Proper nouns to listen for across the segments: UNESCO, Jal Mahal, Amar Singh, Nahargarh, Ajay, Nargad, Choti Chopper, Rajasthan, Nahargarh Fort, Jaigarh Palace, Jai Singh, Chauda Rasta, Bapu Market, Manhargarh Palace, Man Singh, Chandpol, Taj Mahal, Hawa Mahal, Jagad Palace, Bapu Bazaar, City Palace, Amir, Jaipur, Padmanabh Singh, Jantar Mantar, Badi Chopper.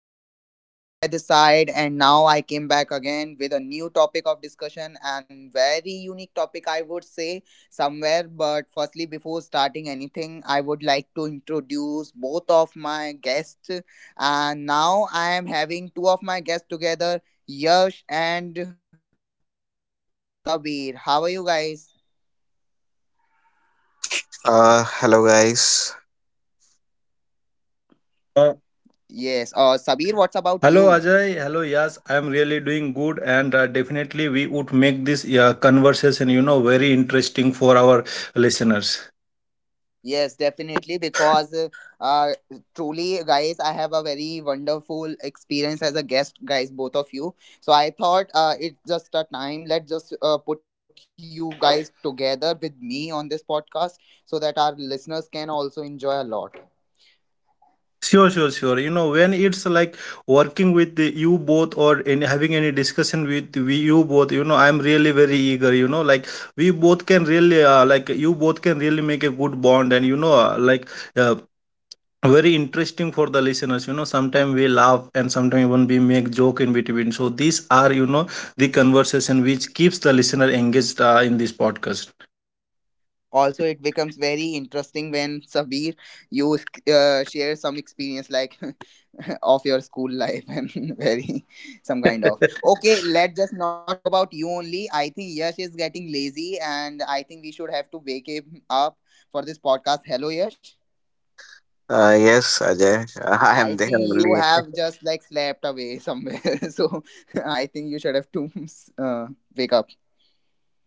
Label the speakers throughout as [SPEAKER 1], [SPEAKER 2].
[SPEAKER 1] hi listeners, Ajay this side, and now I came back again with a new topic of discussion and very unique topic, I would say, somewhere. But firstly, before starting anything, I would like to introduce both of my guests. And now I am having two of my guests together, Yash and Sabir. How are you guys?
[SPEAKER 2] Hello guys.
[SPEAKER 1] Yes,
[SPEAKER 3] Uh,
[SPEAKER 1] Sabir, what's about you?
[SPEAKER 3] Hello Ajay. Hello Yas. I am really doing good, and definitely we would make this conversation, very interesting for our listeners.
[SPEAKER 1] Yes, definitely. Because uh, truly, guys, I have a very wonderful experience as a guest, guys, both of you. So I thought it's just a time. Let's just put you guys together with me on this podcast so that our listeners can also enjoy a lot.
[SPEAKER 3] Sure, sure, sure. When it's like working with you both or any, having any discussion with we, you both, I'm really very eager. Like we both can really, like you both can really make a good bond, and uh, very interesting for the listeners. Sometimes we laugh and sometimes even we make joke in between, so these are, the conversation which keeps the listener engaged in this podcast.
[SPEAKER 1] Also, it becomes very interesting when Sabir you share some experience like of your school life and very some kind of okay, let's just not talk about you only. I think Yash is getting lazy and I think we should have to wake him up for this podcast. Hello Yash,
[SPEAKER 2] Yes, Ajay, I
[SPEAKER 1] I
[SPEAKER 2] am there
[SPEAKER 1] think you
[SPEAKER 2] only.
[SPEAKER 1] have just like slept away somewhere so I think you should have to uh, wake up.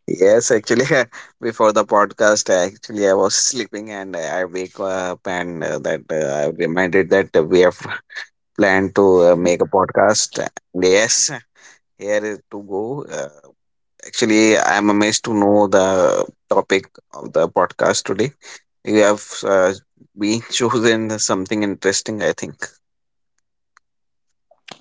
[SPEAKER 2] Yes, actually, before the podcast, I was sleeping and I wake up and that I reminded that we have planned to make a podcast. Yes, here is to go. Actually, I am amazed to know the topic of the podcast today. You have been chosen something interesting, I think.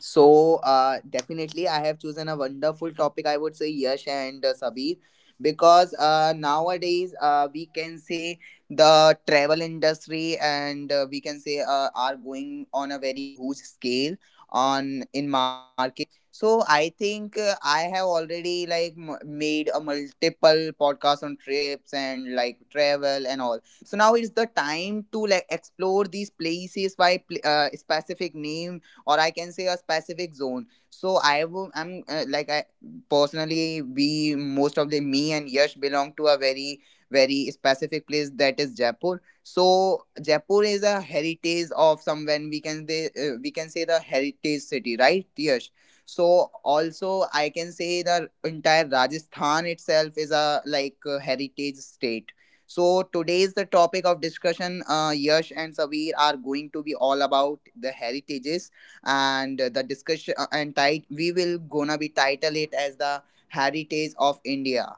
[SPEAKER 1] So, definitely, I have chosen a wonderful topic, I would say, Yash and Sabir, because nowadays we can say the travel industry and we can say are going on a very huge scale on in market. So, I think I have already like made a multiple podcast on trips and like travel and all. So now it's the time to like explore these places by specific name or I can say a specific zone. So I will I'm like I personally, we most of the me and Yash belong to a very very specific place, that is Jaipur. So Jaipur is a heritage of some when we can we can say the heritage city, right Yash? So also I can say the entire Rajasthan itself is a like a heritage state. So today's the topic of discussion Yash and Sabir are going to be all about the heritages, and the discussion and tight we will gonna be title it as the heritage of India.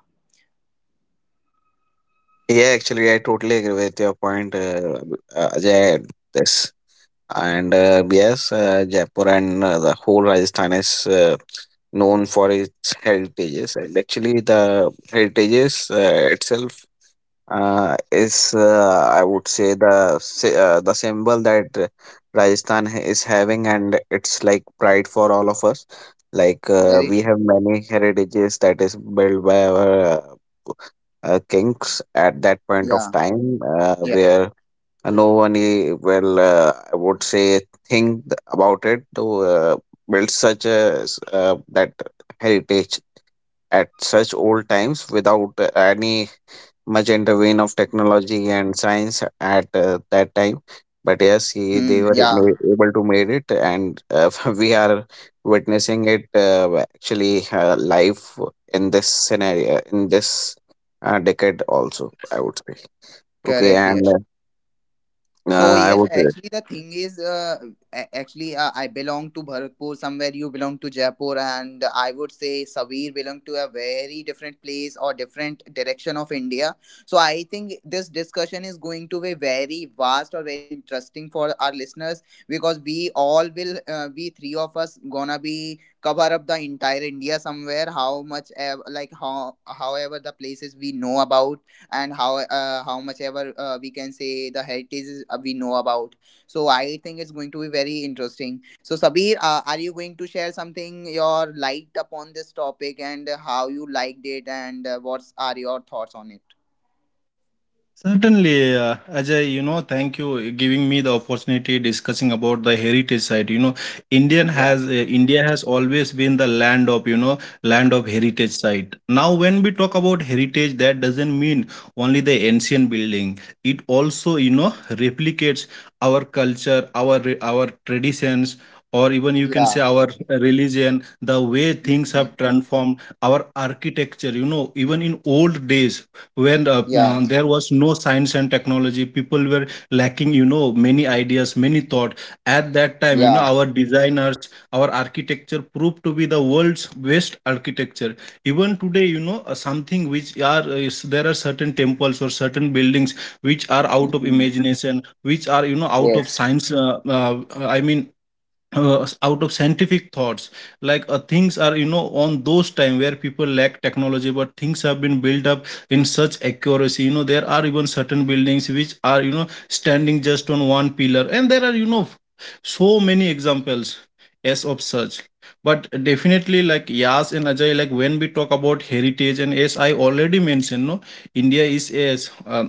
[SPEAKER 2] Yeah, actually, I totally agree with your point, Ajay. And This and Yes, Jaipur and the whole Rajasthan is known for its heritages. And actually, the heritages itself is, I would say, the symbol that Rajasthan is having, and it's like pride for all of us. Like
[SPEAKER 1] Very
[SPEAKER 2] we
[SPEAKER 1] true.
[SPEAKER 2] have many heritages that is built by our kings at that point of
[SPEAKER 1] Yeah.
[SPEAKER 2] time,
[SPEAKER 1] Yeah.
[SPEAKER 2] where no one will I would say think about it to uh, build that heritage at such old times without any much intervene of technology and science at that time. But yes, they
[SPEAKER 1] Mm-hmm.
[SPEAKER 2] were
[SPEAKER 1] Yeah.
[SPEAKER 2] able to made it, and we are witnessing it, actually, live in this scenario, in this decade also, I would say. Okay.
[SPEAKER 1] Correct. Yes.
[SPEAKER 2] and
[SPEAKER 1] So
[SPEAKER 2] I
[SPEAKER 1] yes,
[SPEAKER 2] would
[SPEAKER 1] actually the thing is, actually I belong to Bharatpur somewhere. You belong to Jaipur, and I would say Savir belong to a very different place or different direction of India. So I think this discussion is going to be very vast or very interesting for our listeners, because we all will, we three of us gonna be cover up the entire India somewhere. How much, like how however the places we know about, and how much ever we can say the heritage we know about. So I think it's going to be very interesting. So Sabir, are you going to share something your light upon this topic and how you liked it, and what's are your thoughts on it?
[SPEAKER 3] Certainly, Ajay, thank you giving me the opportunity discussing about the heritage site. Indian has
[SPEAKER 1] Yeah.
[SPEAKER 3] uh, India has always been the land of, land of heritage site. Now, when we talk about heritage, that doesn't mean only the ancient building. It also, replicates our culture, our traditions, or even you can say
[SPEAKER 1] Yeah.
[SPEAKER 3] our religion, the way things have
[SPEAKER 1] Mhm.
[SPEAKER 3] transformed, our architecture. Even in old days when
[SPEAKER 1] Yeah.
[SPEAKER 3] there was no science and technology, people were lacking, many ideas, many thought at that time.
[SPEAKER 1] Yeah.
[SPEAKER 3] Our designers, our architecture proved to be the world's best architecture even today. Something which there are certain temples or certain buildings which are out of
[SPEAKER 1] Hmm.
[SPEAKER 3] imagination, which are, out of
[SPEAKER 1] Yes.
[SPEAKER 3] science, I mean, out of scientific thoughts. Like things are, on those time where people lack technology, but things have been built up in such accuracy. There are even certain buildings which are, standing just on one pillar, and there are, so many examples as of such. But definitely, like Yas and Ajay, like when we talk about heritage, and as I already mentioned, no, India is as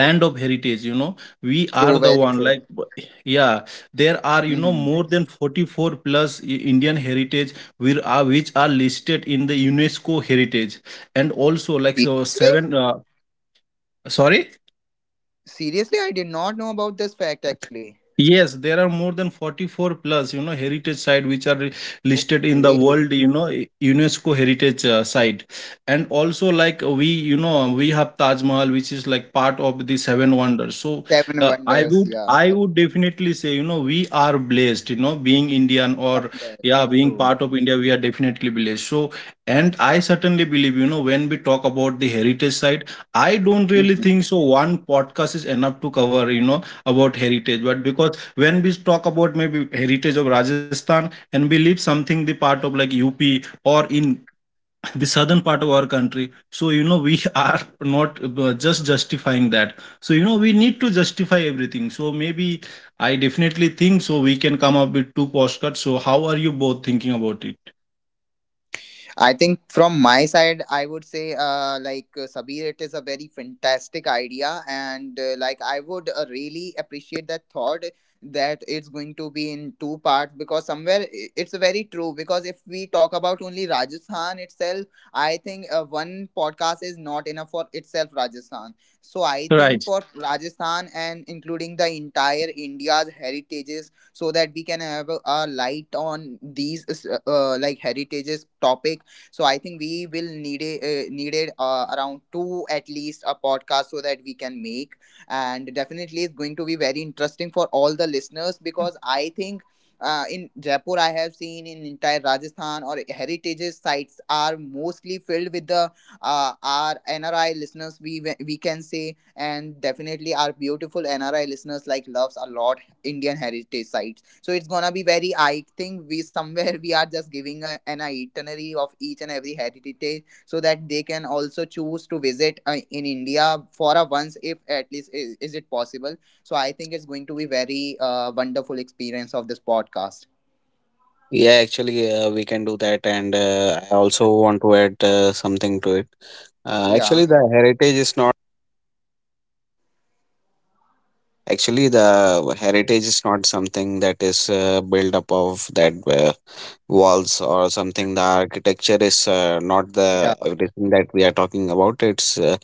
[SPEAKER 3] land of heritage. We are
[SPEAKER 1] True,
[SPEAKER 3] the
[SPEAKER 1] very
[SPEAKER 3] one,
[SPEAKER 1] true.
[SPEAKER 3] like yeah, there are,
[SPEAKER 1] Hmm.
[SPEAKER 3] more than 44 plus Indian heritage which are listed in the UNESCO heritage. And also, like, so
[SPEAKER 1] Seriously.
[SPEAKER 3] seven sorry.
[SPEAKER 1] Seriously, I did not know about this fact actually.
[SPEAKER 3] Yes, there are more than 44 plus, heritage site which are listed in the
[SPEAKER 1] Okay.
[SPEAKER 3] world, UNESCO heritage site. And also, like, we, we have Taj Mahal, which is like part of the seven wonders. So
[SPEAKER 1] Seven wonders, yeah,
[SPEAKER 3] I would
[SPEAKER 1] correct.
[SPEAKER 3] definitely say, we are blessed, being Indian, or
[SPEAKER 1] Somewhere.
[SPEAKER 3] yeah, being
[SPEAKER 1] True.
[SPEAKER 3] part of India, we are definitely blessed. So, and I certainly believe, when we talk about the heritage site, I don't really
[SPEAKER 1] Mm-hmm.
[SPEAKER 3] think so one podcast is enough to cover, about heritage. But because when we talk about maybe heritage of Rajasthan, and we leave something, the part of like UP or in the southern part of our country, so we are not just justifying that. So we need to justify everything, so maybe I definitely think so we can come up with two postcards. So how are you both thinking about it?
[SPEAKER 1] I think from my side, I would say, like Sabir, it is a very fantastic idea, and like I would really appreciate that thought that it's going to be in two parts, because somewhere it's very true. Because if we talk about only Rajasthan itself, I think one podcast is not enough for itself Rajasthan. So I think
[SPEAKER 3] Right.
[SPEAKER 1] for Rajasthan and including the entire India's heritages, so that we can have a light on these like heritages topic. So I think we will need a, needed around two at least a podcast so that we can make. And definitely it's going to be very interesting for all the listeners, because I think in Jaipur, I have seen in entire Rajasthan or heritages sites are mostly filled with the our NRI listeners. We can say, and definitely our beautiful NRI listeners like loves a lot Indian heritage sites. So it's gonna be very. I think we somewhere we are just giving a, an itinerary of each and every heritage so that they can also choose to visit in India for a once, if at least is it possible. So I think it's going to be very wonderful experience of this podcast.
[SPEAKER 2] Yeah, actually, we can do that, and I also want to add something to it. uh,
[SPEAKER 1] Yeah,
[SPEAKER 2] actually the heritage is Actually, the heritage is not something that is built up of that walls or something. The architecture is not the
[SPEAKER 1] yeah.
[SPEAKER 2] everything that we are talking about. It's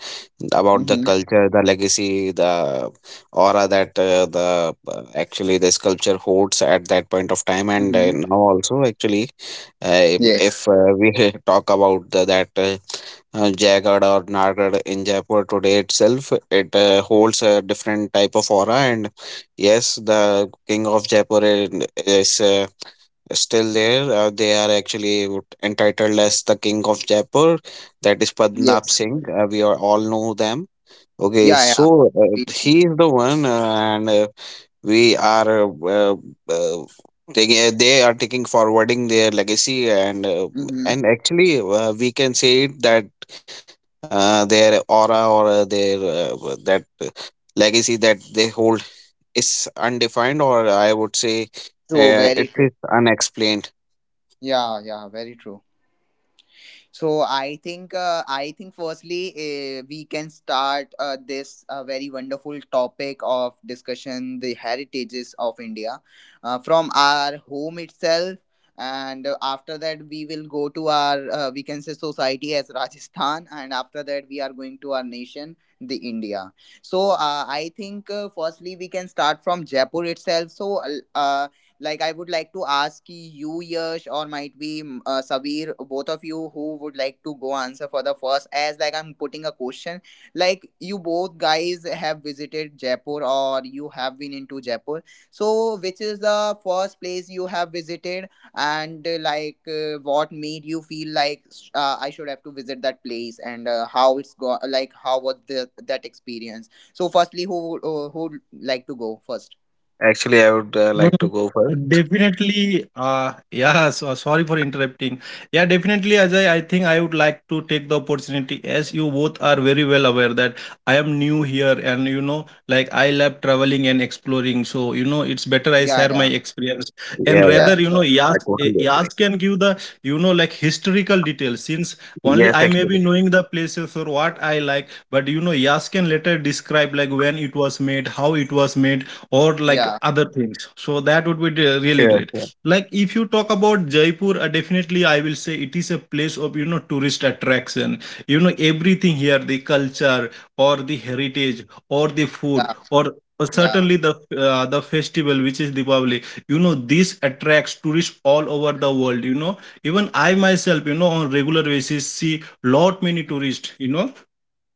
[SPEAKER 2] about the
[SPEAKER 1] Mm-hmm.
[SPEAKER 2] culture, the legacy, the aura that the actually the sculpture holds at that point of time, and
[SPEAKER 1] Mm-hmm.
[SPEAKER 2] now also, actually, if
[SPEAKER 1] Yes.
[SPEAKER 2] we talk about the, that. Jagged or gnarled in Jaipur today itself. It holds a different type of aura, and yes, the king of Jaipur is still there. They are actually entitled as the king of Jaipur. That is Padmanabh
[SPEAKER 1] Yes.
[SPEAKER 2] Singh. We are all know them. Okay,
[SPEAKER 1] Yeah. Yeah.
[SPEAKER 2] so
[SPEAKER 1] We-
[SPEAKER 2] he is the one, and we are uh, taking they are taking forwarding their legacy, and uh,
[SPEAKER 1] Mhm.
[SPEAKER 2] and actually we can say it that their aura or their that legacy that they hold is undefined, or I would say,
[SPEAKER 1] True. Very
[SPEAKER 2] it
[SPEAKER 1] true.
[SPEAKER 2] is unexplained.
[SPEAKER 1] Yeah. Yeah. Very true. So I think firstly we can start this very wonderful topic of discussion the heritages of India from our home itself, and after that we will go to our we can say society as Rajasthan, and after that we are going to our nation the India. So I think firstly we can start from Jaipur itself. So uh, like I would like to ask you Yash or might be Sabir, both of you, who would like to go answer for the first, as like I'm putting a question like you both guys have visited Jaipur or you have been into Jaipur. So which is the first place you have visited, and like what made you feel like I should have to visit that place, and how it's go like how was the that experience? So firstly who would like to go first?
[SPEAKER 2] Actually, I would
[SPEAKER 3] Mm,
[SPEAKER 2] like to go first.
[SPEAKER 3] Definitely, yeah, so, sorry for interrupting. Yeah, definitely, Ajay, I think I would like to take the opportunity, as you both are very well aware that I am new here, and like I love traveling and exploring. So, it's better I
[SPEAKER 1] Yeah.
[SPEAKER 3] share
[SPEAKER 1] Yeah.
[SPEAKER 3] my experience,
[SPEAKER 2] Yeah,
[SPEAKER 3] and
[SPEAKER 1] Yeah,
[SPEAKER 2] yeah,
[SPEAKER 1] yeah,
[SPEAKER 3] rather,
[SPEAKER 1] sure.
[SPEAKER 2] I totally agree.
[SPEAKER 3] Yas can give the, like historical details, since
[SPEAKER 2] Yes,
[SPEAKER 3] only I may
[SPEAKER 2] actually.
[SPEAKER 3] be knowing the places or what I like, but Yas can later describe, like when it was made, how it was made, or like
[SPEAKER 1] Yeah,
[SPEAKER 3] other things. So that would be
[SPEAKER 2] Sure,
[SPEAKER 3] really great.
[SPEAKER 2] sure.
[SPEAKER 3] Like if you talk about Jaipur, definitely I will say it is a place of, tourist attraction. Everything here, the culture, or the heritage, or the food,
[SPEAKER 1] yeah,
[SPEAKER 3] or
[SPEAKER 1] yeah,
[SPEAKER 3] certainly the festival, which is Diwali. This attracts tourists all over the world. Even I myself, on regular basis, see lot many tourists.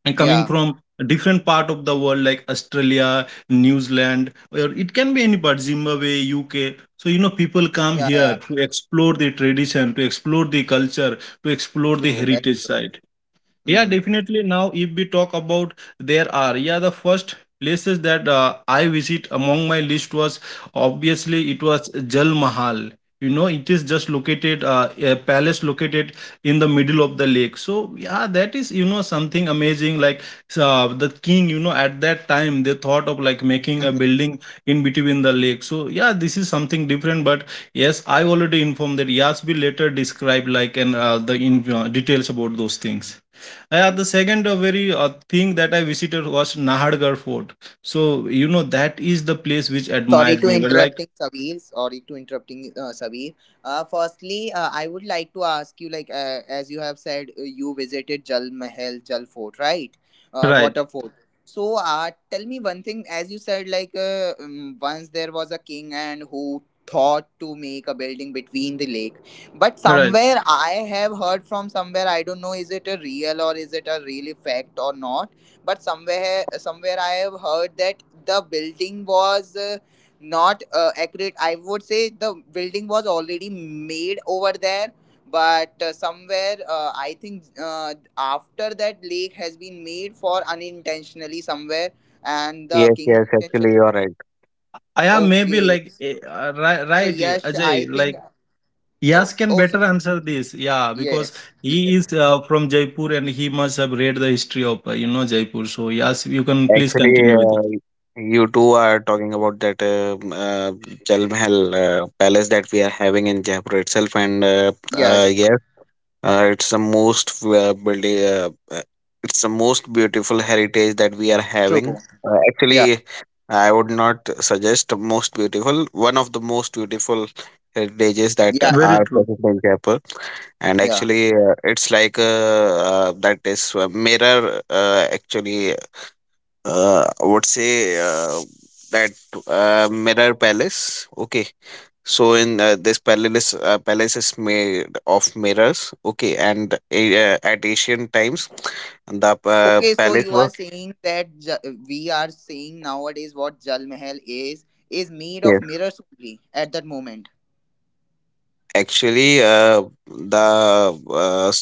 [SPEAKER 3] And coming
[SPEAKER 1] yeah,
[SPEAKER 3] from a different part of the world, like Australia, New Zealand, or it can be any part, Zimbabwe, UK. So people come
[SPEAKER 1] yeah,
[SPEAKER 3] here
[SPEAKER 1] yeah.
[SPEAKER 3] to explore the tradition, to explore the culture, to explore the
[SPEAKER 1] True, very
[SPEAKER 3] heritage
[SPEAKER 1] true.
[SPEAKER 3] side. Yeah,
[SPEAKER 1] Mm.
[SPEAKER 3] definitely. Now, if we talk about, there are, yeah, the first places that I visit among my list was, obviously, it was Jal Mahal. It is just located a palace located in the middle of the lake. So yeah, that is, something amazing. Like the king, at that time they thought of like making a building in between the lake. So yeah, this is something different. But yes, I already informed that Yas will later describe, like, and the in details about those things. Yeah, the second very thing that I visited was Nahargarh Fort. So that is the place which
[SPEAKER 1] Sorry
[SPEAKER 3] admired
[SPEAKER 1] to
[SPEAKER 3] me. But like
[SPEAKER 1] interrupting Sabir. Sorry to interrupting Sabir. Firstly, I would like to ask you, like as you have said, you visited Jal Mahal, Jal Fort, right?
[SPEAKER 3] right,
[SPEAKER 1] Water fort. So, tell me one thing. As you said, like once there was a king and who thought to make a building between the lake, but
[SPEAKER 3] right.
[SPEAKER 1] somewhere I have heard from somewhere, I don't know is it a real or is it a really fact or not. But somewhere I have heard that the building was. Not accurate. I would say the building was already made over there, but somewhere I think after that lake has been made for unintentionally somewhere, and the
[SPEAKER 2] Yes,
[SPEAKER 1] king's
[SPEAKER 2] yes, actually,
[SPEAKER 1] intention.
[SPEAKER 2] you're right.
[SPEAKER 3] I am maybe
[SPEAKER 1] Okay,
[SPEAKER 3] like right,
[SPEAKER 1] so
[SPEAKER 3] right,
[SPEAKER 1] yes, I
[SPEAKER 3] Ajay. Like
[SPEAKER 1] think.
[SPEAKER 3] Yas
[SPEAKER 1] Oh,
[SPEAKER 3] can
[SPEAKER 1] oh, so,
[SPEAKER 3] better answer this. Yeah, because
[SPEAKER 1] yes,
[SPEAKER 3] he
[SPEAKER 1] yes,
[SPEAKER 3] is from Jaipur, and he must have read the history of, Jaipur. So Yas, you can please
[SPEAKER 2] Actually,
[SPEAKER 3] continue with it.
[SPEAKER 2] you two are talking about that Jal Mahal palace that we are having in Jaipur itself, and
[SPEAKER 1] yes.
[SPEAKER 2] yes, it's the most building. It's the most beautiful heritage that we are
[SPEAKER 1] True.
[SPEAKER 2] having.
[SPEAKER 1] Yeah,
[SPEAKER 2] Actually, I would not suggest most beautiful. One of the most beautiful heritages that
[SPEAKER 1] yeah, yeah,
[SPEAKER 3] Very
[SPEAKER 2] are
[SPEAKER 3] true.
[SPEAKER 2] present in Jaipur. And
[SPEAKER 1] yeah.
[SPEAKER 2] actually, it's like that is a mirror, actually I would say, that Mirror Palace. Okay, so in palace is made of mirrors. Okay, and at ancient times, the
[SPEAKER 1] Okay, so
[SPEAKER 2] palace
[SPEAKER 1] you are
[SPEAKER 2] was.
[SPEAKER 1] saying that we are saying nowadays what Jal Mahal is made of
[SPEAKER 2] Yes.
[SPEAKER 1] mirrors only at that moment.
[SPEAKER 2] Actually, the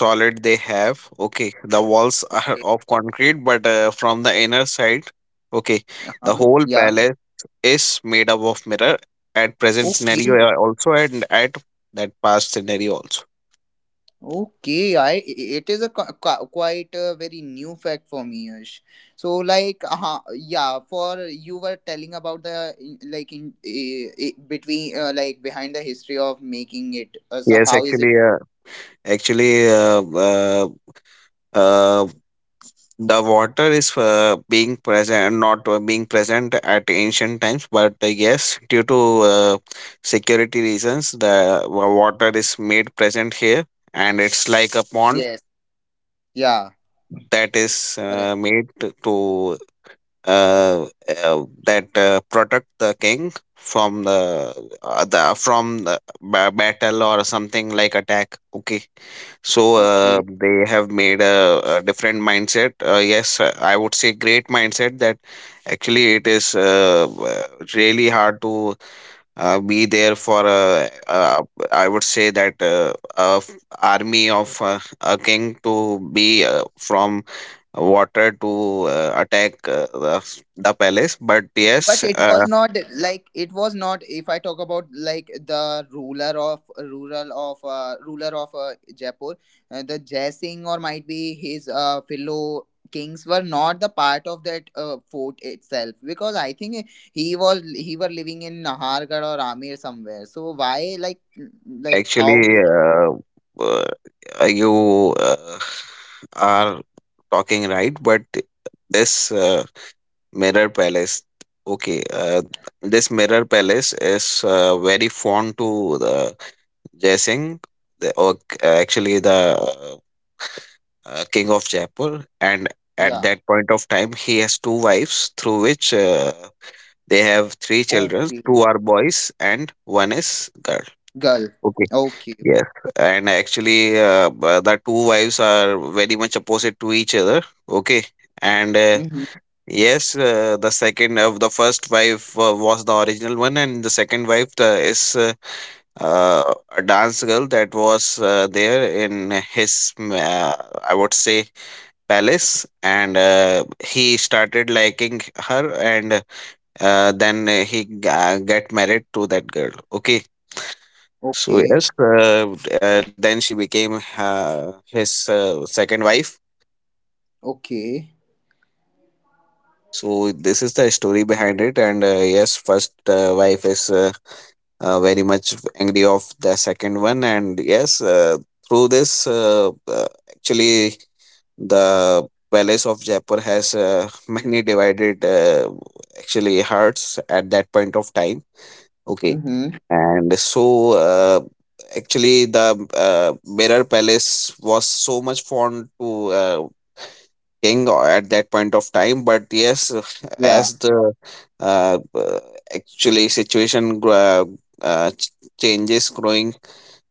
[SPEAKER 2] solid they have. Okay, the walls are
[SPEAKER 1] Okay.
[SPEAKER 2] of concrete, but from the inner side. Okay, the
[SPEAKER 1] Uh-huh.
[SPEAKER 2] whole
[SPEAKER 1] Yeah.
[SPEAKER 2] palace is made up of mirror at present scenario,
[SPEAKER 1] Okay.
[SPEAKER 2] also, and at that past scenario also.
[SPEAKER 1] Okay. I it is a quite a very new fact for me, Yash. So like, yeah. For you were telling about the like in between like behind the history of making it. So
[SPEAKER 2] Yes,
[SPEAKER 1] how is it?
[SPEAKER 2] actually uh, the water is being present, not being present at ancient times, but yes, due to security reasons, the water is made present here, and it's like a pond
[SPEAKER 1] Yes. Yeah.
[SPEAKER 2] that is
[SPEAKER 1] Correct.
[SPEAKER 2] made to, uh, that protect the king from the battle or something like attack. Okay, so
[SPEAKER 1] Okay.
[SPEAKER 2] they have made a different mindset. Yes, I would say, great mindset, that actually it is really hard to be there for I would say that a army of a king to be from water to attack the palace. But
[SPEAKER 1] But
[SPEAKER 2] yes.
[SPEAKER 1] it was not like, it was not, if I talk about like the ruler of rural of ruler of Jaipur, the Jai Singh or might be his fellow kings were not the part of that fort itself, because I think he was he were living in Nahargarh or Amir somewhere. So why like how.
[SPEAKER 2] Actually, uh, you are talking right, but this mirror palace. Okay, this mirror palace is very fond to the Jaising, actually the uh, king of Jaipur, and at
[SPEAKER 1] Yeah.
[SPEAKER 2] that point of time he has two wives, through which they have three children:
[SPEAKER 1] Okay.
[SPEAKER 2] two are boys and one is girl.
[SPEAKER 1] Girl.
[SPEAKER 2] Okay.
[SPEAKER 1] Okay.
[SPEAKER 2] Yes, and actually, the two wives are very much opposite to each other. Okay. and
[SPEAKER 1] Hmm.
[SPEAKER 2] Yes, the second of the first wife was the original one, and the second wife is a dance girl that was there in his, I would say, palace. And he started liking her, and then he get married to that girl. Okay, so
[SPEAKER 1] Okay.
[SPEAKER 2] yes, then she became his second wife.
[SPEAKER 1] Okay.
[SPEAKER 2] So this is the story behind it, and yes, first wife is. Very much angry of the second one, and yes, through this, actually the palace of Jaipur has many divided, actually, hearts at that point of time. Okay.
[SPEAKER 1] Hmm.
[SPEAKER 2] And so, actually the mirror palace was so much fond to king or at that point of time. But yes,
[SPEAKER 1] Yeah.
[SPEAKER 2] as the uh, uh, actually situation uh, ch- changes growing,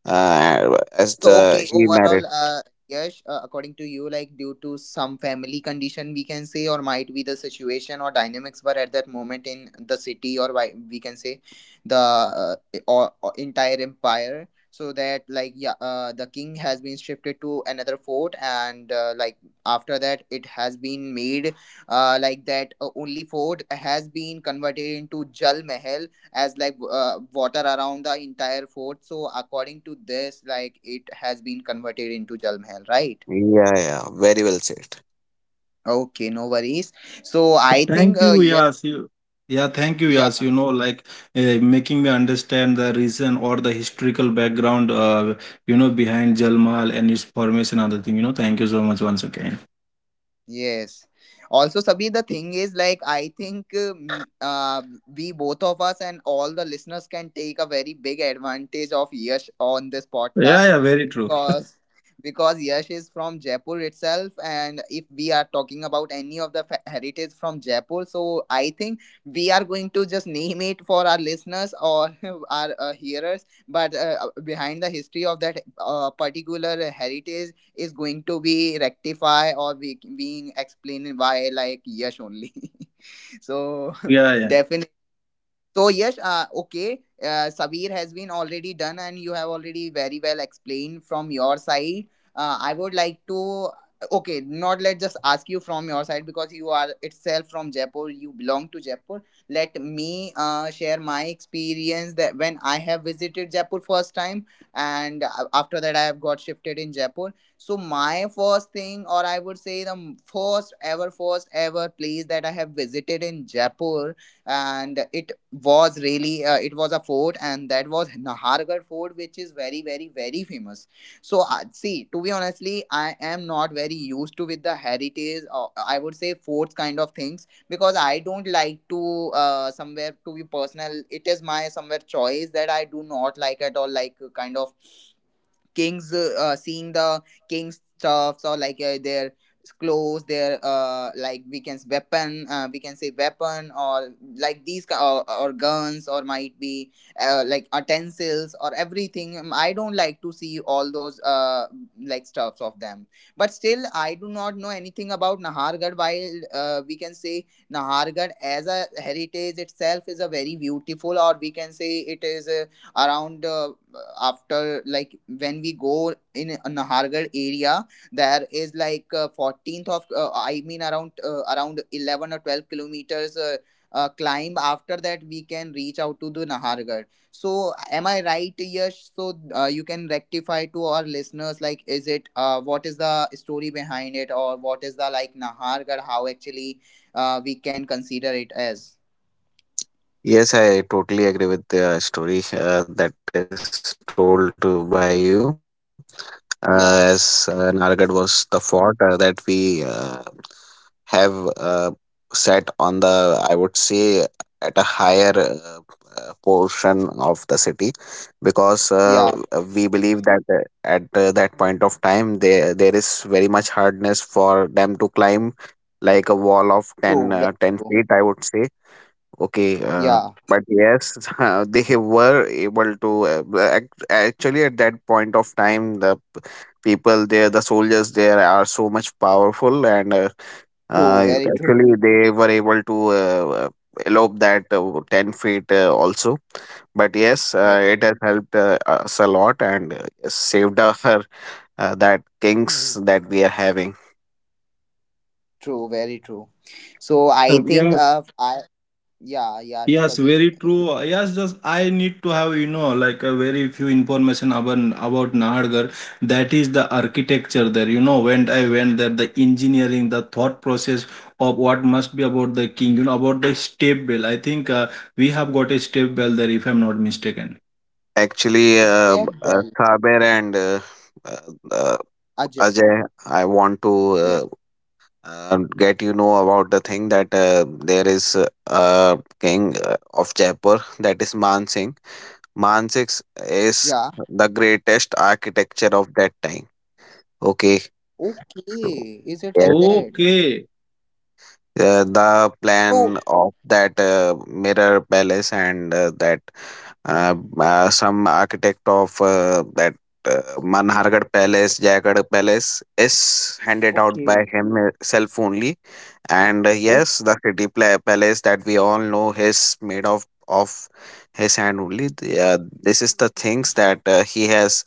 [SPEAKER 2] as
[SPEAKER 1] So
[SPEAKER 2] the
[SPEAKER 1] okay,
[SPEAKER 2] he
[SPEAKER 1] overall,
[SPEAKER 2] married.
[SPEAKER 1] Yash, according to you, like due to some family condition, we can say, or might be the situation or dynamics were at that moment in the city, or why we can say, the or entire empire. So that like yeah, the king has been shifted to another fort, and like after that, it has been made, like that only fort has been converted into Jal Mahal, as like water around the entire fort. So according to this, like it has been converted into Jal Mahal, right?
[SPEAKER 2] Yeah, yeah, very well said.
[SPEAKER 1] Okay, no worries. So I think
[SPEAKER 3] Thank you,
[SPEAKER 1] yeah.
[SPEAKER 3] Yas. Thank you,
[SPEAKER 1] Yeah,
[SPEAKER 3] Yas. Like making me understand the reason or the historical background, behind Jalmal and its formation, other thing. Thank you so much once again.
[SPEAKER 1] yes. Also, Sabri, the thing is, like, I think we both of us and all the listeners can take a very big advantage of Yash on this
[SPEAKER 3] Yeah,
[SPEAKER 1] podcast,
[SPEAKER 3] yeah, very true.
[SPEAKER 1] because because Yash is from Jaipur itself, and if we are talking about any of the heritage from Jaipur, so I think we are going to just name it for our listeners or our hearers. But behind the history of that particular heritage is going to be rectified or be, being explained by like Yash only. so
[SPEAKER 3] Yeah, yeah.
[SPEAKER 1] So yes, okay, Sabir has been already done, and you have already very well explained from your side. I would like to okay, not let just ask you from your side because you are itself from Jaipur. You belong to Jaipur. Let me share my experience that when I have visited Jaipur first time, and after that I have got shifted in Jaipur. So my first thing, or I would say the first ever place that I have visited in Jaipur, and it was really it was a fort, and that was Nahargarh fort, which is very very very famous. So see, to be honestly I am not very used to with the heritage or I would say forts kind of things, because I don't like to somewhere to be personal, it is my somewhere choice that I do not like at all, like kind of kings, seeing the king stuffs, or like their clothes, their like we can weapon, we can say weapon, or like these or guns, or might be like utensils or everything. I don't like to see all those like stuffs of them, but still I do not know anything about Nahargarh. While we can say Nahargarh as a heritage itself is a very beautiful, or we can say it is a around after, like when we go in a Nahargarh area there is like 14th of I mean around 11 or 12 kilometers climb, after that we can reach out to the Nahargarh. So am I right, Yash? So you can rectify to our listeners, like is it what is the story behind it, or what is the like Nahargarh, how actually we can consider it as.
[SPEAKER 2] Yes, I totally agree with the story that is told to by you. As Nargad was the
[SPEAKER 1] Yeah,
[SPEAKER 2] fort that we have set on the, I would say, at a higher portion of the city, because we
[SPEAKER 1] yeah,
[SPEAKER 2] believe that at that point of time there is very much hardness for them to climb, like a wall of 10,
[SPEAKER 1] true, very
[SPEAKER 2] 10 feet,
[SPEAKER 1] true.
[SPEAKER 2] I would say. Okay,
[SPEAKER 1] Yeah,
[SPEAKER 2] but yes, they were able to actually at that point of time, the people there, the soldiers there are so much powerful, and
[SPEAKER 1] true, very true.
[SPEAKER 2] actually they were able to elope that 10 feet also. But yes,
[SPEAKER 1] Yeah,
[SPEAKER 2] it has helped us a lot, and yes, saved our that kings that we are having.
[SPEAKER 1] true, very true. So I think
[SPEAKER 3] Yeah,
[SPEAKER 1] I. Yeah, yeah,
[SPEAKER 3] yes,
[SPEAKER 1] Sabir.
[SPEAKER 3] very true. Yes, just I need to have, like a very few information about Nahargarh. That is the architecture there. When I went there, the engineering, the thought process of what must be about the king, about the step bell. I think we have got a step bell there, if I'm not mistaken.
[SPEAKER 2] Actually,
[SPEAKER 1] Step well,
[SPEAKER 2] Saber and uh,
[SPEAKER 1] Ajay.
[SPEAKER 2] Ajay, I want to
[SPEAKER 1] Yes.
[SPEAKER 2] get you know about the thing that there is a king of Jaipur, that is Man Singh. Man Singh
[SPEAKER 1] Yeah.
[SPEAKER 2] is the greatest architecture of that time. Okay. So,
[SPEAKER 1] Okay. Is it
[SPEAKER 2] yes,
[SPEAKER 1] like that?
[SPEAKER 3] Okay.
[SPEAKER 2] the
[SPEAKER 1] So
[SPEAKER 2] plan of that mirror palace and that some architect of that Manhargarh Palace, Jagad Palace is handed out by
[SPEAKER 1] okay.
[SPEAKER 2] himself only. And yes, the city palace that we all know is made of his hand only. This is the things that he has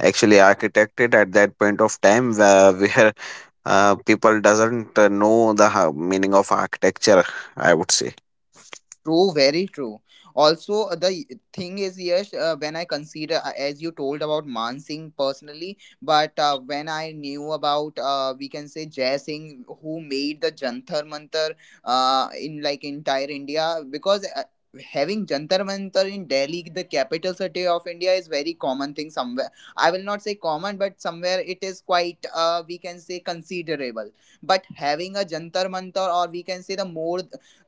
[SPEAKER 2] actually architected at that point of time, where people doesn't know the meaning of architecture, I would say.
[SPEAKER 1] True, very true. Also, the thing is, yes, when I consider, as you told about Mansingh personally, but when I knew about, we can say Jai Singh, who made the Jantar Mantar in like entire India, because having Jantar Mantar in Delhi, the capital city of India, is very common thing somewhere. I will not say common, but somewhere it is quite, we can say considerable, but having a jantar mantar, or we can say the more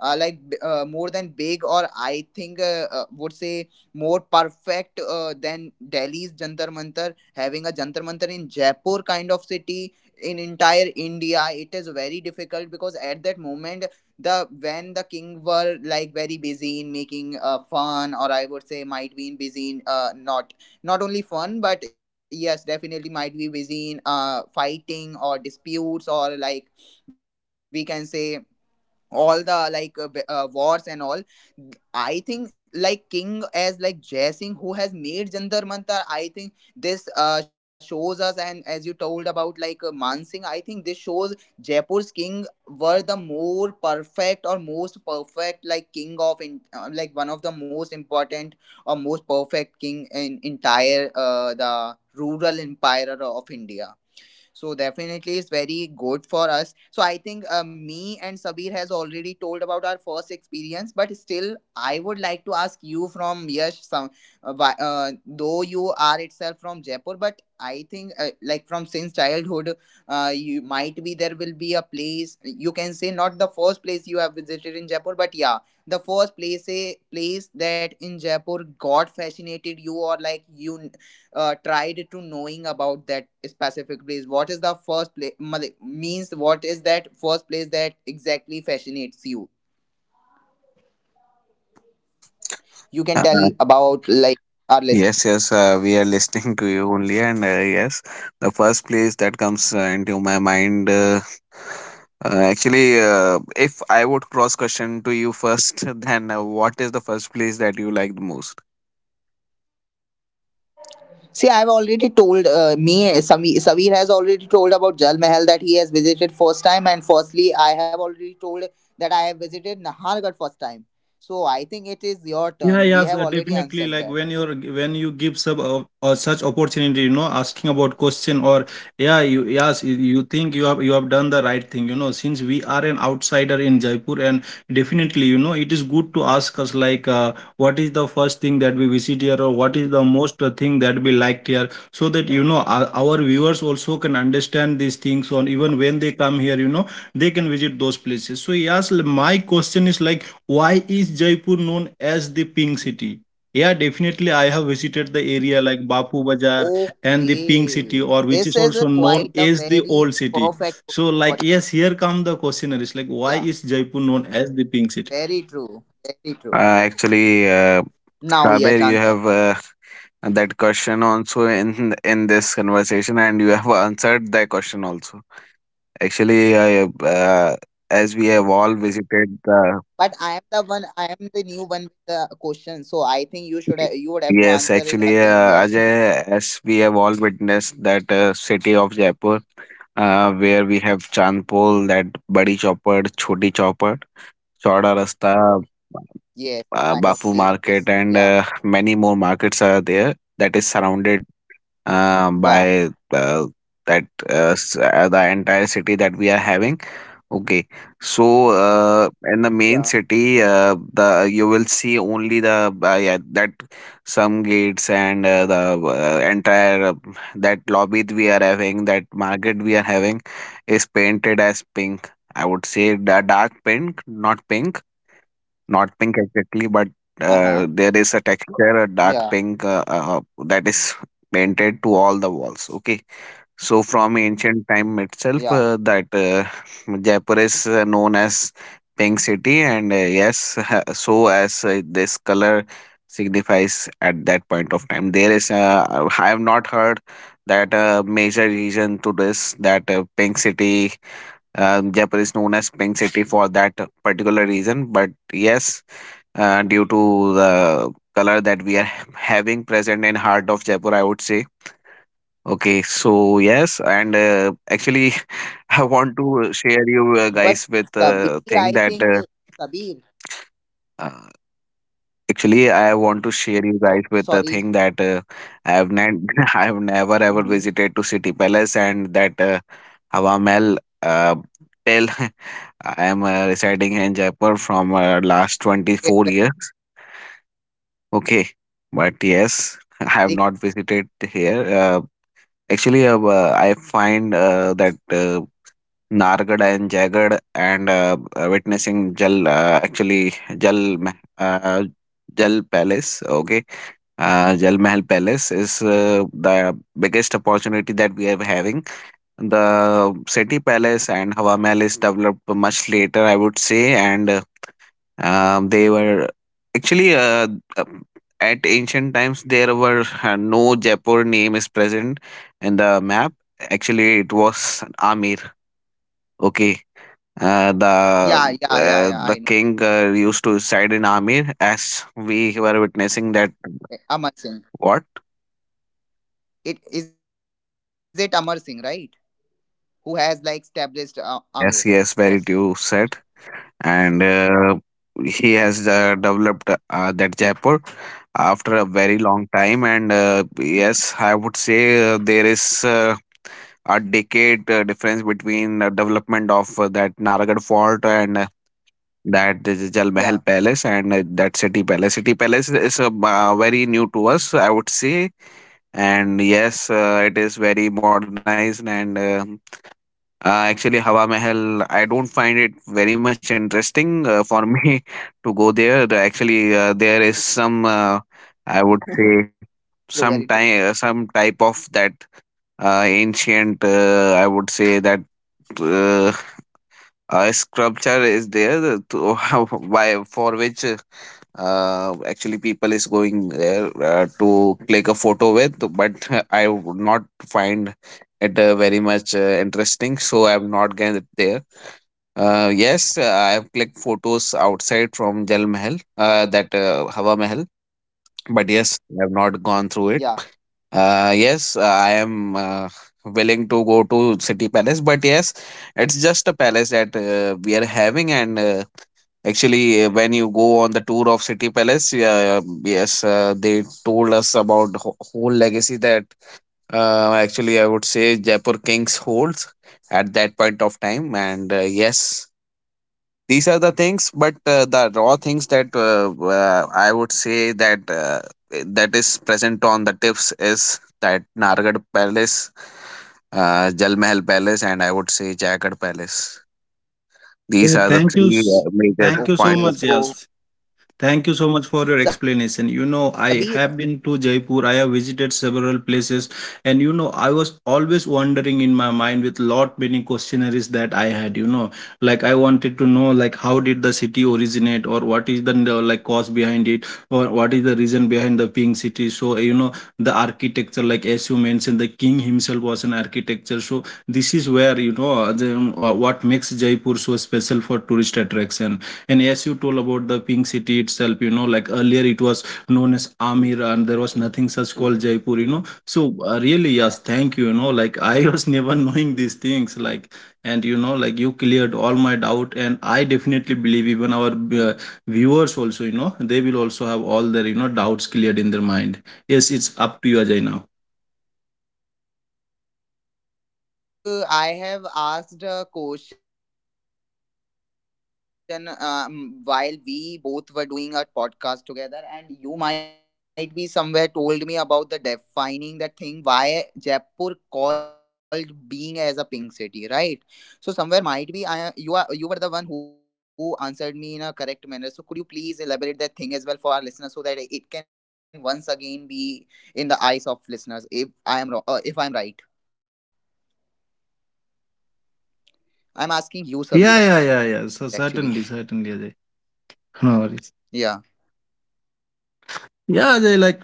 [SPEAKER 1] more than big, or I think would say more perfect than Delhi's Jantar Mantar. Having a Jantar Mantar in Jaipur kind of city in entire India, it is very difficult, because at that moment the when the king were like very busy in making fun, or I would say might be in busy in not not only fun, but yes definitely might be busy in fighting or disputes, or like we can say all the wars and all. I think like king as like Jai Singh, who has made Jandar Mantar, I think this shows us, and as you told about like Man Singh, I think this shows Jaipur's king were the more perfect or most perfect like king of in, like one of the most important or most perfect king in entire the rural empire of India. So definitely it's very good for us. So I think me and Sabir has already told about our first experience, but still I would like to ask you from Yash some though you are itself from Jaipur, but I think like from since childhood, you might be there will be a place you can say, not the first place you have visited in Jaipur, but yeah, the first place, a place that in Jaipur got fascinated you, or like you tried to knowing about that specific place. What is the first place, means what is that first place that exactly fascinates you? You can tell
[SPEAKER 2] uh,
[SPEAKER 1] about like our list.
[SPEAKER 2] yes, yes, we are listening to you only, and yes, the first place that comes into my mind, actually, if I would cross question to you first, then what is the first place that you like the most?
[SPEAKER 1] See, I've already told me, Savir has already told about Jal Mahal that he has visited first time, and firstly I have already told that I have visited Nahargarh first time. So I think it is your
[SPEAKER 3] Yeah,
[SPEAKER 1] turn, we
[SPEAKER 3] yes,
[SPEAKER 1] have already
[SPEAKER 3] definitely.
[SPEAKER 1] answered
[SPEAKER 3] Like
[SPEAKER 1] that.
[SPEAKER 3] when you're, when you give sub such opportunity, asking about question, or yeah, you, yes, you think you have, you have done the right thing, Since we are an outsider in Jaipur, and definitely, it is good to ask us like, what is the first thing that we visit here, or
[SPEAKER 2] Uh,
[SPEAKER 3] what is the most thing that we liked here, so that our viewers also can understand these things. On even when they come here, they can visit those places. So yes, my question is like, why is Jaipur known as the Pink City? Yeah, definitely. I have visited the area like Bapu Bazaar and the Pink City,
[SPEAKER 1] Okay,
[SPEAKER 3] or which
[SPEAKER 1] this
[SPEAKER 3] is
[SPEAKER 1] is a
[SPEAKER 3] also known
[SPEAKER 1] quite a
[SPEAKER 3] as the
[SPEAKER 1] very
[SPEAKER 3] Old City.
[SPEAKER 1] perfect
[SPEAKER 3] So,
[SPEAKER 1] question for
[SPEAKER 3] like, yes, here come the questionnaires. Like,
[SPEAKER 1] you.
[SPEAKER 3] why
[SPEAKER 1] Yeah.
[SPEAKER 3] is Jaipur known as the Pink City?
[SPEAKER 1] Very true. Very true.
[SPEAKER 2] Actually,
[SPEAKER 1] Now, Yash,
[SPEAKER 2] Saber, you
[SPEAKER 1] answer.
[SPEAKER 2] have that question also in this conversation, and you have answered that question also. Actually, I, uh, as we have all visited
[SPEAKER 1] But I am
[SPEAKER 2] the
[SPEAKER 1] the one. I am the new one with the question. So I think you should. You would have to answer it
[SPEAKER 2] Yes,
[SPEAKER 1] again,
[SPEAKER 2] actually,
[SPEAKER 1] Yash.
[SPEAKER 2] Ajay, as we have all witnessed that city of Jaipur, where we have Chandpol, that Badi Chopper, Choti Chopper, Chauda Rasta,
[SPEAKER 1] yes. Kind of
[SPEAKER 2] Bapu
[SPEAKER 1] places.
[SPEAKER 2] Market,
[SPEAKER 1] Yeah.
[SPEAKER 2] and many more markets are there that is surrounded
[SPEAKER 1] Yeah.
[SPEAKER 2] by the entire city that we are having. Okay, so in the
[SPEAKER 1] Yeah.
[SPEAKER 2] main city, the you will see only the, yeah, that some gates and the entire, that lobby we are having, that market we are having, is painted as pink. I would say the dark pink, not pink, exactly, but
[SPEAKER 1] Uh huh.
[SPEAKER 2] there is a texture, a
[SPEAKER 1] Yeah.
[SPEAKER 2] dark pink, that is painted to all the walls. Okay, so from ancient time
[SPEAKER 1] Yeah.
[SPEAKER 2] itself, that Jaipur is known as Pink City, and yes, so as this color signifies at that point of time. I have not heard that major reason to this, that pink city, Jaipur is known as Pink City for that particular reason. But yes, due to the color that we are having present in heart of Jaipur, I would say. Okay, so yes, I want to share
[SPEAKER 1] But
[SPEAKER 2] you
[SPEAKER 1] Kabir,
[SPEAKER 2] guys with
[SPEAKER 1] I
[SPEAKER 2] a
[SPEAKER 1] think
[SPEAKER 2] thing that
[SPEAKER 1] Kabir.
[SPEAKER 2] uh, actually I want to
[SPEAKER 1] So
[SPEAKER 2] share you
[SPEAKER 1] sorry.
[SPEAKER 2] guys with the thing that I have not, I have
[SPEAKER 1] Mm-hmm.
[SPEAKER 2] never ever visited to City Palace and that Hawa Mahal. Tell I am residing in Jaipur from last 24 years.
[SPEAKER 1] It's very common, Yash,
[SPEAKER 2] Okay,
[SPEAKER 1] because
[SPEAKER 2] but yes, I
[SPEAKER 1] yeah,
[SPEAKER 2] have
[SPEAKER 1] it's
[SPEAKER 2] not visited
[SPEAKER 1] common.
[SPEAKER 2] here. I find that Nargad and Jagad and witnessing Jal actually Jal Mah- uh, Jal Palace. Okay, Jal Mahal Palace is the biggest opportunity that we are having. The City Palace and Hawa Mahal is developed much later, I would say, and they were actually um, at ancient times there were no Jaipur name is present in the map. Actually, it was Amir. Okay,
[SPEAKER 1] Yeah.
[SPEAKER 2] uh,
[SPEAKER 1] Yeah. Yeah. Yeah.
[SPEAKER 2] the
[SPEAKER 1] I know.
[SPEAKER 2] the king used to reside in Amir, as we were witnessing
[SPEAKER 1] Amar
[SPEAKER 2] that.
[SPEAKER 1] Singh.
[SPEAKER 2] What?
[SPEAKER 1] It is it Amar Singh, right? Who has like established Amir
[SPEAKER 2] Yes,
[SPEAKER 1] first.
[SPEAKER 2] yes, very true said, and
[SPEAKER 1] Yeah.
[SPEAKER 2] uh, he has developed that Jaipur after a very long
[SPEAKER 1] Mhm.
[SPEAKER 2] time, and yes, I would say there is a decade difference between development of that Naragarh fort and
[SPEAKER 1] Yeah.
[SPEAKER 2] that is Jal Mahal Palace and that City Palace. City Palace is very new to us, I would say. And yes, it is very modernized. Uh, Hawa Mahal, I don't find it very much interesting for me to go there. There is some, I would
[SPEAKER 1] True. Very
[SPEAKER 2] say,
[SPEAKER 1] true.
[SPEAKER 2] some time, some type of that ancient, I would say, that uh, a sculpture is there that to, why for which actually people is going there to click a photo with, but I would not find it very much interesting, so I have not get there. Yes, I have clicked photos outside from Jal Mahal, that Hawa Mahal, but yes,
[SPEAKER 1] Yeah.
[SPEAKER 2] I have not gone through it. Yes, I am willing to go to City Palace, but yes, it's just a palace that we are having. When you go on the tour of City Palace, yes, they told us about the whole legacy that actually I would say Jaipur Kings holds at that point of time. And yes, these are the things, but the raw things that I would say that is present on the tips is that Nargad Palace, Jal Mahal Palace, and I would say Jaigarh Palace. These
[SPEAKER 3] Yeah,
[SPEAKER 2] are
[SPEAKER 1] Okay.
[SPEAKER 2] the
[SPEAKER 3] thank you,
[SPEAKER 2] three
[SPEAKER 1] So,
[SPEAKER 2] major
[SPEAKER 3] thank you so
[SPEAKER 2] points.
[SPEAKER 3] much. Yes, thank you so
[SPEAKER 1] Sabir,
[SPEAKER 3] much for your explanation. I have been to Jaipur. I have visited several places, and I was always wondering in my mind with lot many questionnaires that I had. Like I wanted to know, like how did the city originate, or what is the like cause behind it, or what is the reason behind the pink city. So the architecture, like as you mentioned, the king himself was an architecture. So this is where the, what makes Jaipur so special for tourist attraction. And as you told about the Pink City itself, like earlier it was known as Amir, and there was nothing such called Jaipur, So really, yes, thank you, like I was never knowing these things, like, and like you cleared all my doubt. And I definitely believe even our viewers also, they will also have all their, doubts cleared in their mind. Yes, it's up to you, Ajay, now.
[SPEAKER 1] so, Sabir, I think I have asked a question while we both were doing a podcast together, and you might be somewhere told me about the defining that thing why Jaipur called being as a pink city, right? So, somewhere might be I you are you were the one who answered me in a correct manner. So, could you please elaborate that thing as well for our listeners, so that it can once again be in the eyes of listeners if I am wrong, if I am right. I'm asking you, Sabir, actually.
[SPEAKER 3] Yeah, yeah, yeah, yeah. So certainly, certainly, Ajay.
[SPEAKER 1] Yeah.
[SPEAKER 3] No worries. Yeah, Ajay, like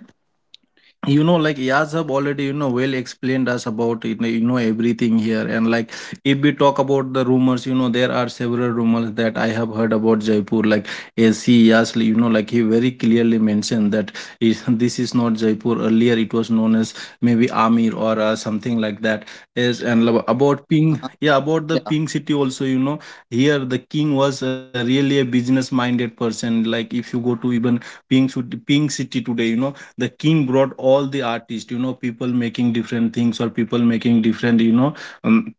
[SPEAKER 3] like Yas have already, well explained us about, everything here, and like if we talk about the rumors, there are several rumors that I have heard about Jaipur, like as he Yas, like he very clearly mentioned that is, this is not Jaipur, earlier it was known as maybe Amir, or something
[SPEAKER 1] Huh?
[SPEAKER 3] like that is. And
[SPEAKER 1] Yeah.
[SPEAKER 3] lo- about ping, yeah, about the ping city also, here the king was really a business minded person. Like if you go to even ping ping city today, the king brought all the artists, people making different things or people making different, um,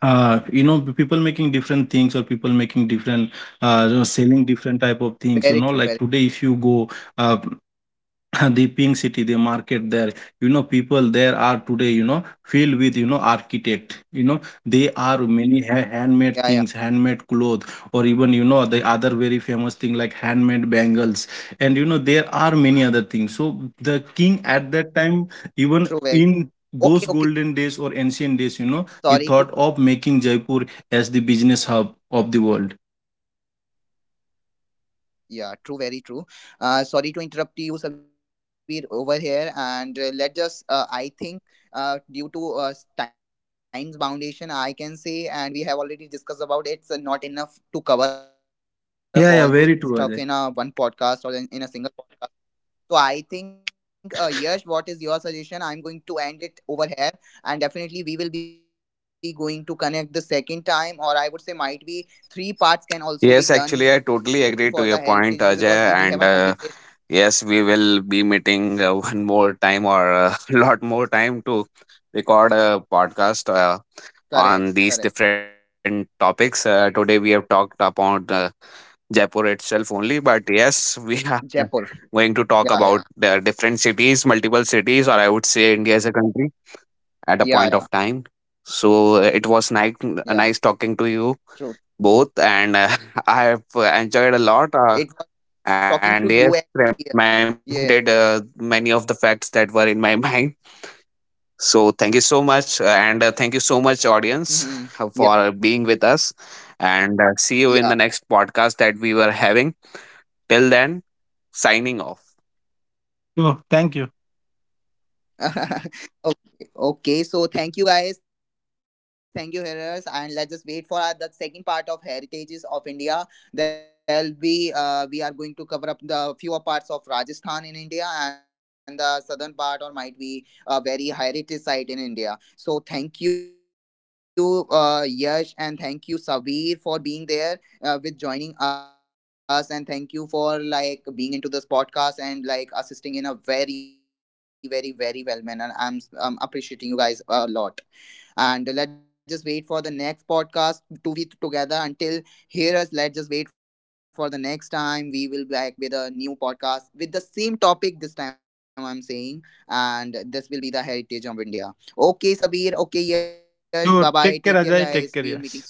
[SPEAKER 3] people making different things or people making different
[SPEAKER 1] Very true. Very
[SPEAKER 3] selling different type of things. Like today if you go uh, the pink city, they market there, people there are today, filled with, architect,
[SPEAKER 1] yeah,
[SPEAKER 3] they
[SPEAKER 1] yeah.
[SPEAKER 3] are many handmade things, handmade clothes, or even, the other very famous thing like handmade bangles. And there are many other things. So the
[SPEAKER 1] True,
[SPEAKER 3] king
[SPEAKER 1] very
[SPEAKER 3] at
[SPEAKER 1] true.
[SPEAKER 3] that time,
[SPEAKER 1] Okay, okay.
[SPEAKER 3] even in
[SPEAKER 1] Sorry
[SPEAKER 3] those
[SPEAKER 1] to
[SPEAKER 3] golden days or ancient days, he thought of making Jaipur as the business hub of the world.
[SPEAKER 1] yeah, true, very true. Sorry to interrupt you, Sabir, over here. And let us I think due to time's foundation I can say, and we have already discussed about it, it's not enough to cover up all those stuff in a one podcast, or in a
[SPEAKER 3] Yeah,
[SPEAKER 1] single
[SPEAKER 3] yeah, very
[SPEAKER 1] podcast.
[SPEAKER 3] true, Ajay.
[SPEAKER 1] So I think, Yash, what is your suggestion? I'm going to end it over here, and definitely we will be going to connect the second time, or I would say might be three parts can also be done for the heritages, because if we haven't
[SPEAKER 2] Yes,
[SPEAKER 1] completed.
[SPEAKER 2] actually, I totally agree to your point, Ajay. And yes, we will be meeting one more time or a lot more time to
[SPEAKER 1] Correct, correct.
[SPEAKER 2] record a podcast on these different topics. Today, we have talked about Jaipur
[SPEAKER 1] Jaipur.
[SPEAKER 2] itself only, but
[SPEAKER 1] Yeah,
[SPEAKER 2] yes,
[SPEAKER 1] yeah,
[SPEAKER 2] we are going to talk about the different cities, multiple cities, or I would say India
[SPEAKER 1] yeah,
[SPEAKER 2] as a
[SPEAKER 1] yeah,
[SPEAKER 2] country
[SPEAKER 1] yeah.
[SPEAKER 2] at a point of time.
[SPEAKER 1] True.
[SPEAKER 2] So it was nice, nice talking to you
[SPEAKER 1] It
[SPEAKER 2] both,
[SPEAKER 1] was
[SPEAKER 2] and I
[SPEAKER 1] talking
[SPEAKER 2] have
[SPEAKER 1] to you,
[SPEAKER 2] enjoyed a
[SPEAKER 1] actually,
[SPEAKER 2] lot,
[SPEAKER 1] yeah.
[SPEAKER 2] and
[SPEAKER 1] Yes.
[SPEAKER 2] yes, reminded many of the facts that were in my mind. So thank you so much,
[SPEAKER 1] Mm-hmm.
[SPEAKER 2] and
[SPEAKER 1] Yeah,
[SPEAKER 2] thank you so much, audience, for being with us,
[SPEAKER 1] yeah.
[SPEAKER 2] and see you in the next podcast that we were having. Till then, signing off.
[SPEAKER 3] Sure, thank you.
[SPEAKER 1] Okay. Okay, so thank you guys, thank you hearers, and let's just wait for our, the second part of Heritages of India. There'll be we are going to cover up the fewer parts of Rajasthan in India and the southern part, or might be a very heritage site in India. So thank you, Yash, and thank you, Sabir, for being there with joining us, and thank you for like being into this podcast and like assisting in a very very very well manner. I'm appreciating you guys a lot, and let's just wait for the next podcast to be together. Until here, let's just wait for the next time, we will be back with a new podcast with the same topic this time, I'm saying, and this will be the heritage of India. Okay, Sabir, okay, Yash, bye bye, take care guys, we will meeting soon.
[SPEAKER 3] Sure. Take care, Ajay. Take care. Yes.